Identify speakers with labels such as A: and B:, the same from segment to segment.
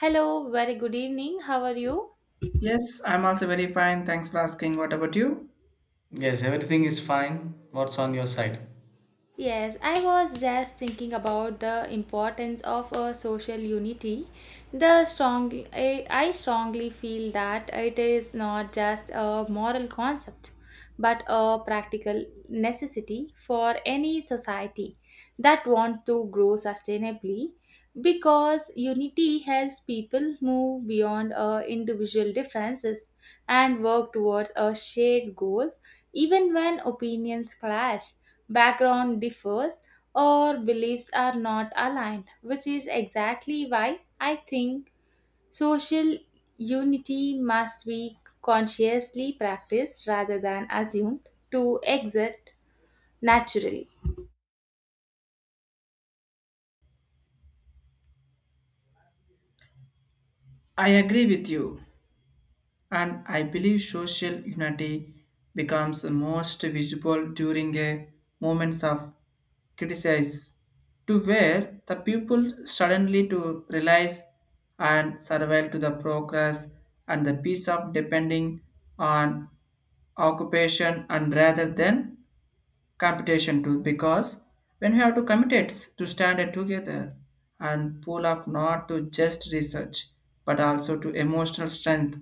A: Hello, very good evening. How are you?
B: Yes, I'm also very fine. Thanks for asking. What about you?
C: Yes, everything is fine. What's on your side?
A: Yes, I was just thinking about the importance of a social unity. The strong I strongly feel that it is not just a moral concept but a practical necessity for any society. That want to grow sustainably because unity helps people move beyond our individual differences and work towards our shared goals even when opinions clash, background differs, or beliefs are not aligned, which is exactly why I think social unity must be consciously practiced rather than assumed to exist naturally.
B: I agree with you. And I believe social unity becomes the most visible during a moments of criticism to where the people suddenly to realize and survive to the progress and the peace of depending on occupation and rather than competition too because when we have to commit it to stand it together and pull off not to just research but also to emotional strength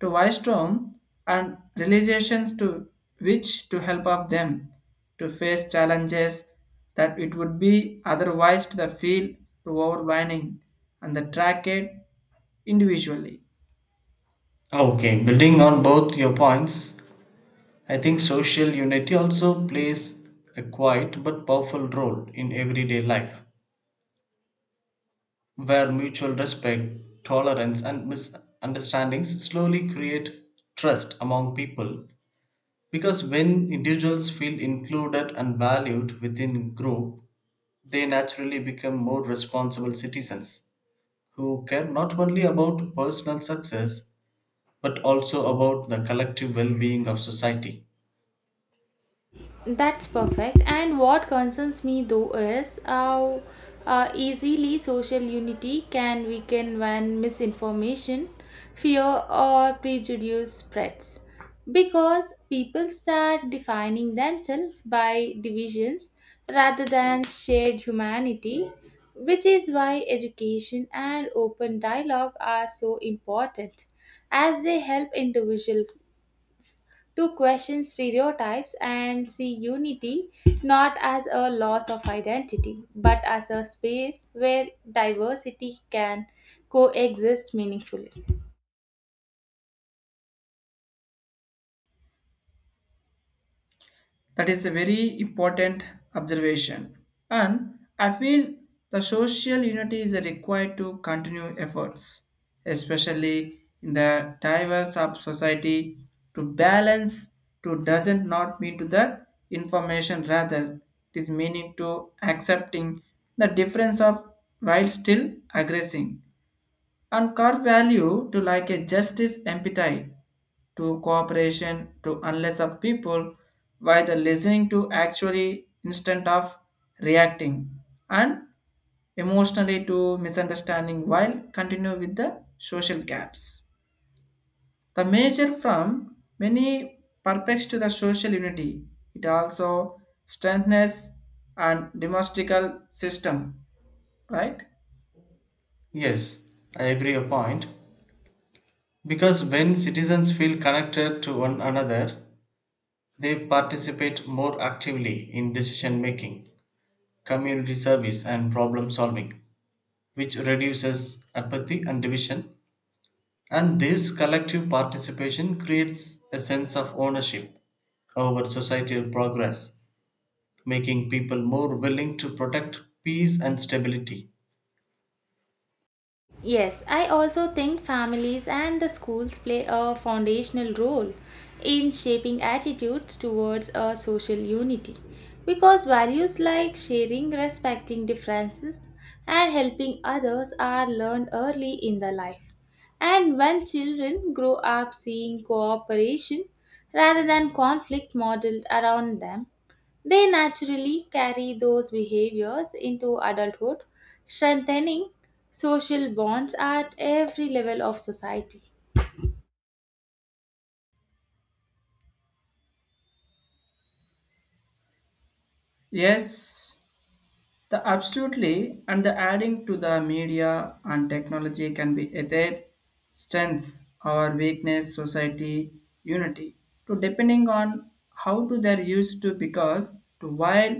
B: to wisdom and realizations to which to help of them to face challenges that it would be otherwise to the feel to overwhelming and the track it individually.
C: Okay, building on both your points, I think social unity also plays a quiet but powerful role in everyday life, where mutual respect, tolerance, and misunderstandings slowly create trust among people. Because when individuals feel included and valued within group, they naturally become more responsible citizens who care not only about personal success but also about the collective well being of society.
A: That's perfect. And what concerns me though is how easily social unity can weaken when misinformation, fear, or prejudice spreads. Because people start defining themselves by divisions rather than shared humanity, which is why education and open dialogue are so important as they help individuals to question stereotypes and see unity not as a loss of identity, but as a space where diversity can coexist meaningfully.
B: That is a very important observation. And I feel the social unity is required to continue efforts, especially in the diverse of society to balance to doesn't not mean to the information rather it is meaning to accepting the difference of while still aggressing and core value to like a justice empathy to cooperation to unless of people by the listening to actually instant of reacting and emotionally to misunderstanding while continue with the social gaps the measure from many purpose to the social unity it also strengthens and demonstrable system, right?
C: Yes, I agree a point. Because when citizens feel connected to one another, they participate more actively in decision making, community service, and problem solving, which reduces apathy and division. And this collective participation creates a sense of ownership over societal progress, making people more willing to protect peace and stability.
A: Yes, I also think families and the schools play a foundational role in shaping attitudes towards a social unity because values like sharing, respecting differences, and helping others are learned early in the life. And when children grow up seeing cooperation rather than conflict modeled around them, they naturally carry those behaviors into adulthood, strengthening social bonds at every level of society.
B: Yes, the absolutely and the adding to the media and technology can be either strengths or weakness, society, unity, to depending on how to they're used to because to while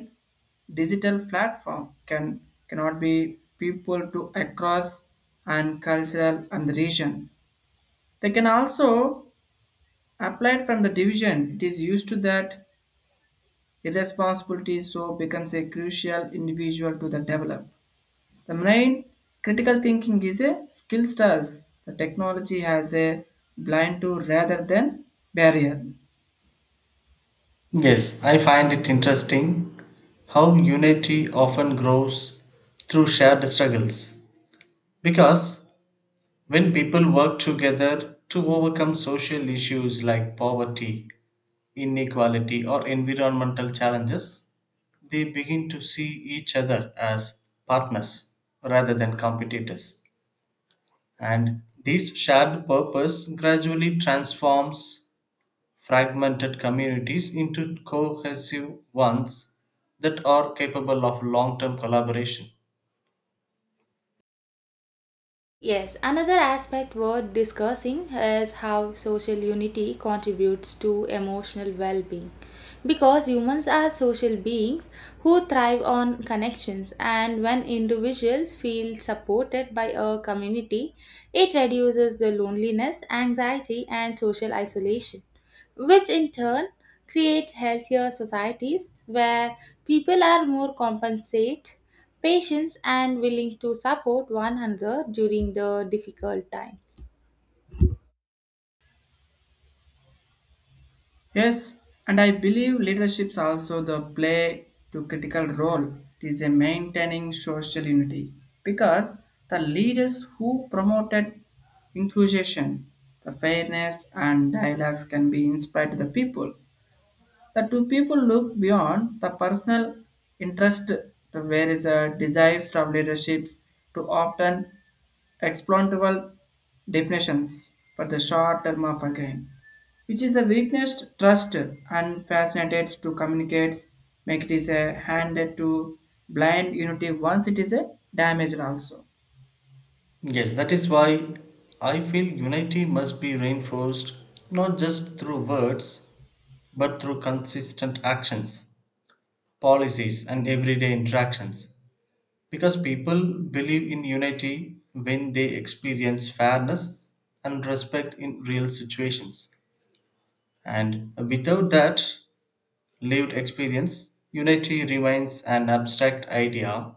B: digital platform can cannot be people to across and cultural and the region. They can also applied from the division. It is used to that irresponsibility so becomes a crucial individual to the develop. The main critical thinking is a skill stars. The technology has a blind to rather than barrier.
C: Yes, I find it interesting how unity often grows through shared struggles. Because when people work together to overcome social issues like poverty, inequality, or environmental challenges, they begin to see each other as partners rather than competitors. And this shared purpose gradually transforms fragmented communities into cohesive ones that are capable of long term collaboration.
A: Yes, another aspect worth discussing is how social unity contributes to emotional well being. Because humans are social beings who thrive on connections, and when individuals feel supported by a community, it reduces the loneliness, anxiety, and social isolation. Which in turn creates healthier societies where people are more compensate, patient, and willing to support one another during the difficult times.
B: Yes, and I believe leaderships also the play to critical role. It is a maintaining social unity because the leaders who promoted inclusion, the fairness and dialogues can be inspired to the people. The two people look beyond the personal interest to where is a desires, of leaderships to often exploitable definitions for the short term of a gain, which is a weakness trust and fascinated to communicate, make it is a handed to blind unity once it is a damaged also.
C: Yes, that is why I feel unity must be reinforced not just through words but through consistent actions, policies, and everyday interactions. Because people believe in unity when they experience fairness and respect in real situations. And without that, lived experience, unity remains an abstract idea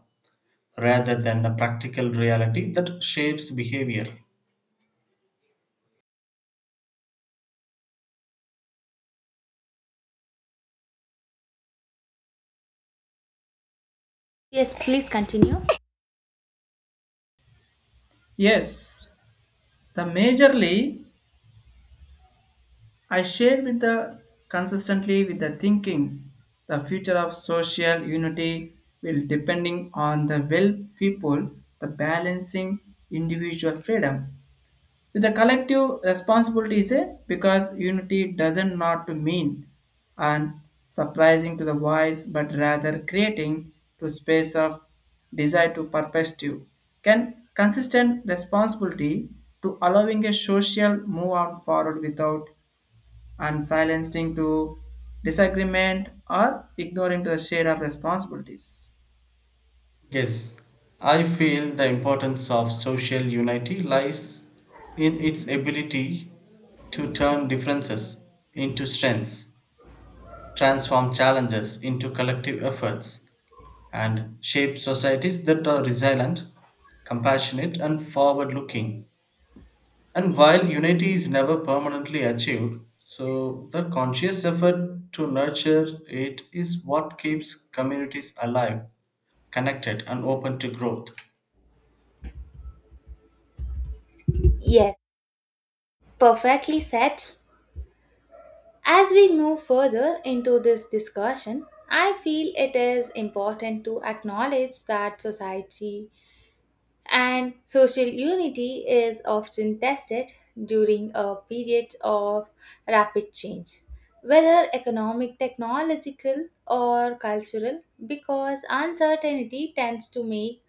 C: rather than a practical reality that shapes behavior.
A: Yes, please continue.
B: Yes, the majorly I shared with the consistently with the thinking the future of social unity will depending on the will people the balancing individual freedom with the collective responsibility is a because unity doesn't not to mean and surprising to the voice but rather creating to space of desire to perspective can consistent responsibility to allowing a social move on forward without and silenced into disagreement or ignoring to the share of responsibilities.
C: Yes, I feel the importance of social unity lies in its ability to turn differences into strengths, transform challenges into collective efforts, and shape societies that are resilient, compassionate, and forward looking. And while unity is never permanently achieved, so the conscious effort to nurture it is what keeps communities alive, connected, and open to growth.
A: Yes, perfectly said. As we move further into this discussion, I feel it is important to acknowledge that society And social unity is often tested during a period of rapid change, whether economic, technological, or cultural, because uncertainty tends to make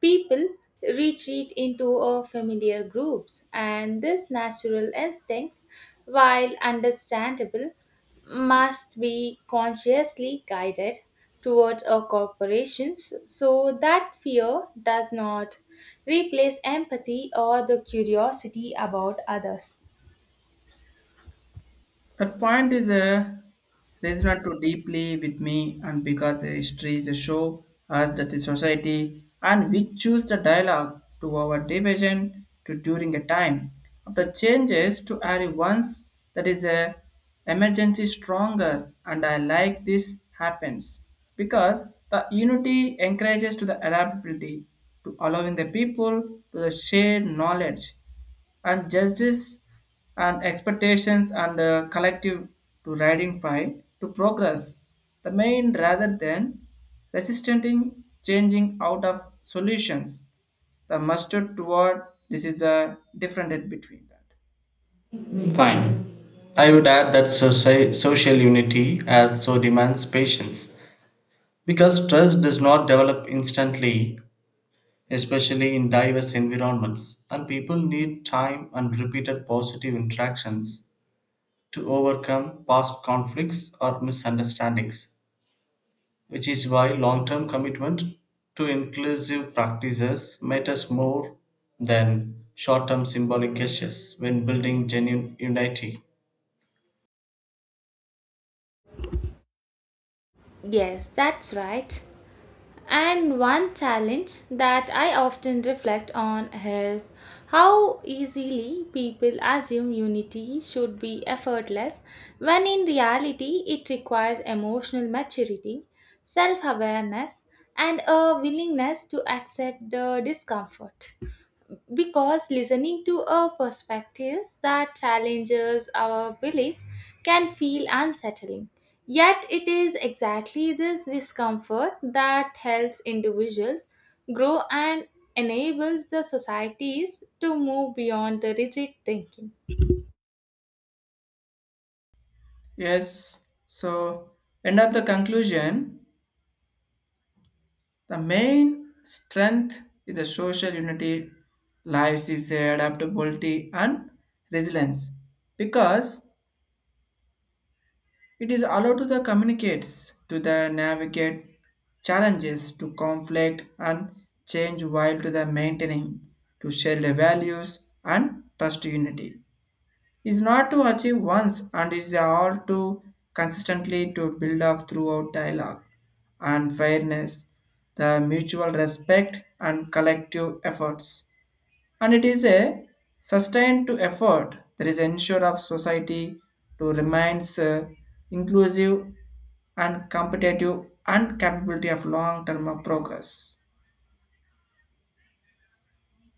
A: people retreat into a familiar groups and this natural instinct, while understandable, must be consciously guided towards our corporations so that fear does not replace empathy or the curiosity about others.
B: That point is a resonant too deeply with me, and because history is a show us that the society and we choose the dialogue to our division to during a time of the changes to are once that is a emergency stronger and I like this happens because the unity encourages to the adaptability to allowing the people to the share knowledge and justice and expectations and the collective to identify to progress the main rather than resisting changing out of solutions the mustard toward this is a different in between that.
C: Fine. I would add that social unity also demands patience because trust does not develop instantly, especially in diverse environments, and people need time and repeated positive interactions to overcome past conflicts or misunderstandings. Which is why long term commitment to inclusive practices matters more than short term symbolic gestures when building genuine unity.
A: Yes, that's right. And one challenge that I often reflect on is how easily people assume unity should be effortless, when in reality, it requires emotional maturity, self awareness, and a willingness to accept the discomfort because listening to a perspectives that challenges our beliefs can feel unsettling. Yet it is exactly this discomfort that helps individuals grow and enables the societies to move beyond the rigid thinking.
B: Yes, so end of the conclusion the main strength in the social unity lives is adaptability and resilience because it is allowed to the communicates to the navigate challenges to conflict and change while to the maintaining to share the values and trust unity. Is not to achieve once and is all to consistently to build up throughout dialogue and fairness, the mutual respect and collective efforts and it is a sustained to effort that is ensure of society to remains inclusive and competitive and capability of long term of progress.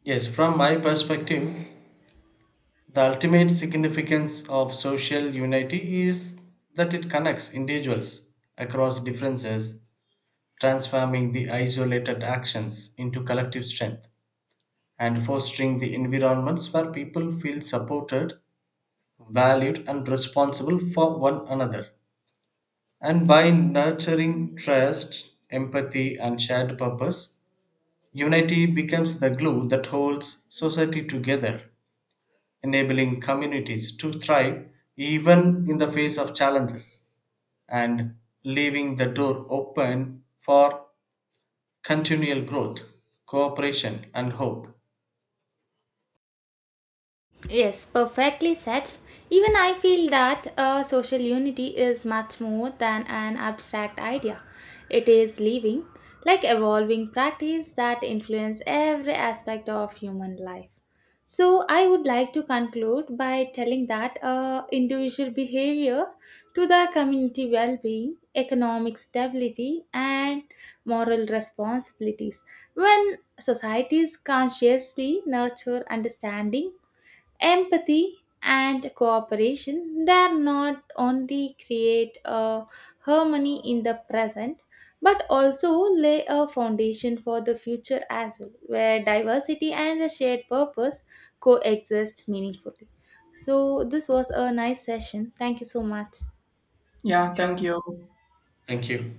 C: Yes, from my perspective, the ultimate significance of social unity is that it connects individuals across differences, transforming the isolated actions into collective strength and fostering the environments where people feel supported, valued, and responsible for one another. And by nurturing trust, empathy, and shared purpose, unity becomes the glue that holds society together, enabling communities to thrive even in the face of challenges and leaving the door open for continual growth, cooperation, and hope.
A: Yes, perfectly said. Even I feel that social unity is much more than an abstract idea. It is living, like evolving practice that influence every aspect of human life. So I would like to conclude by telling that individual behavior to the community well-being, economic stability, and moral responsibilities. When societies consciously nurture understanding empathy and cooperation they are not only create a harmony in the present but also lay a foundation for the future as well where diversity and the shared purpose coexist meaningfully. So this was a nice session. Thank you so much.
B: Yeah, thank you.
C: Thank you.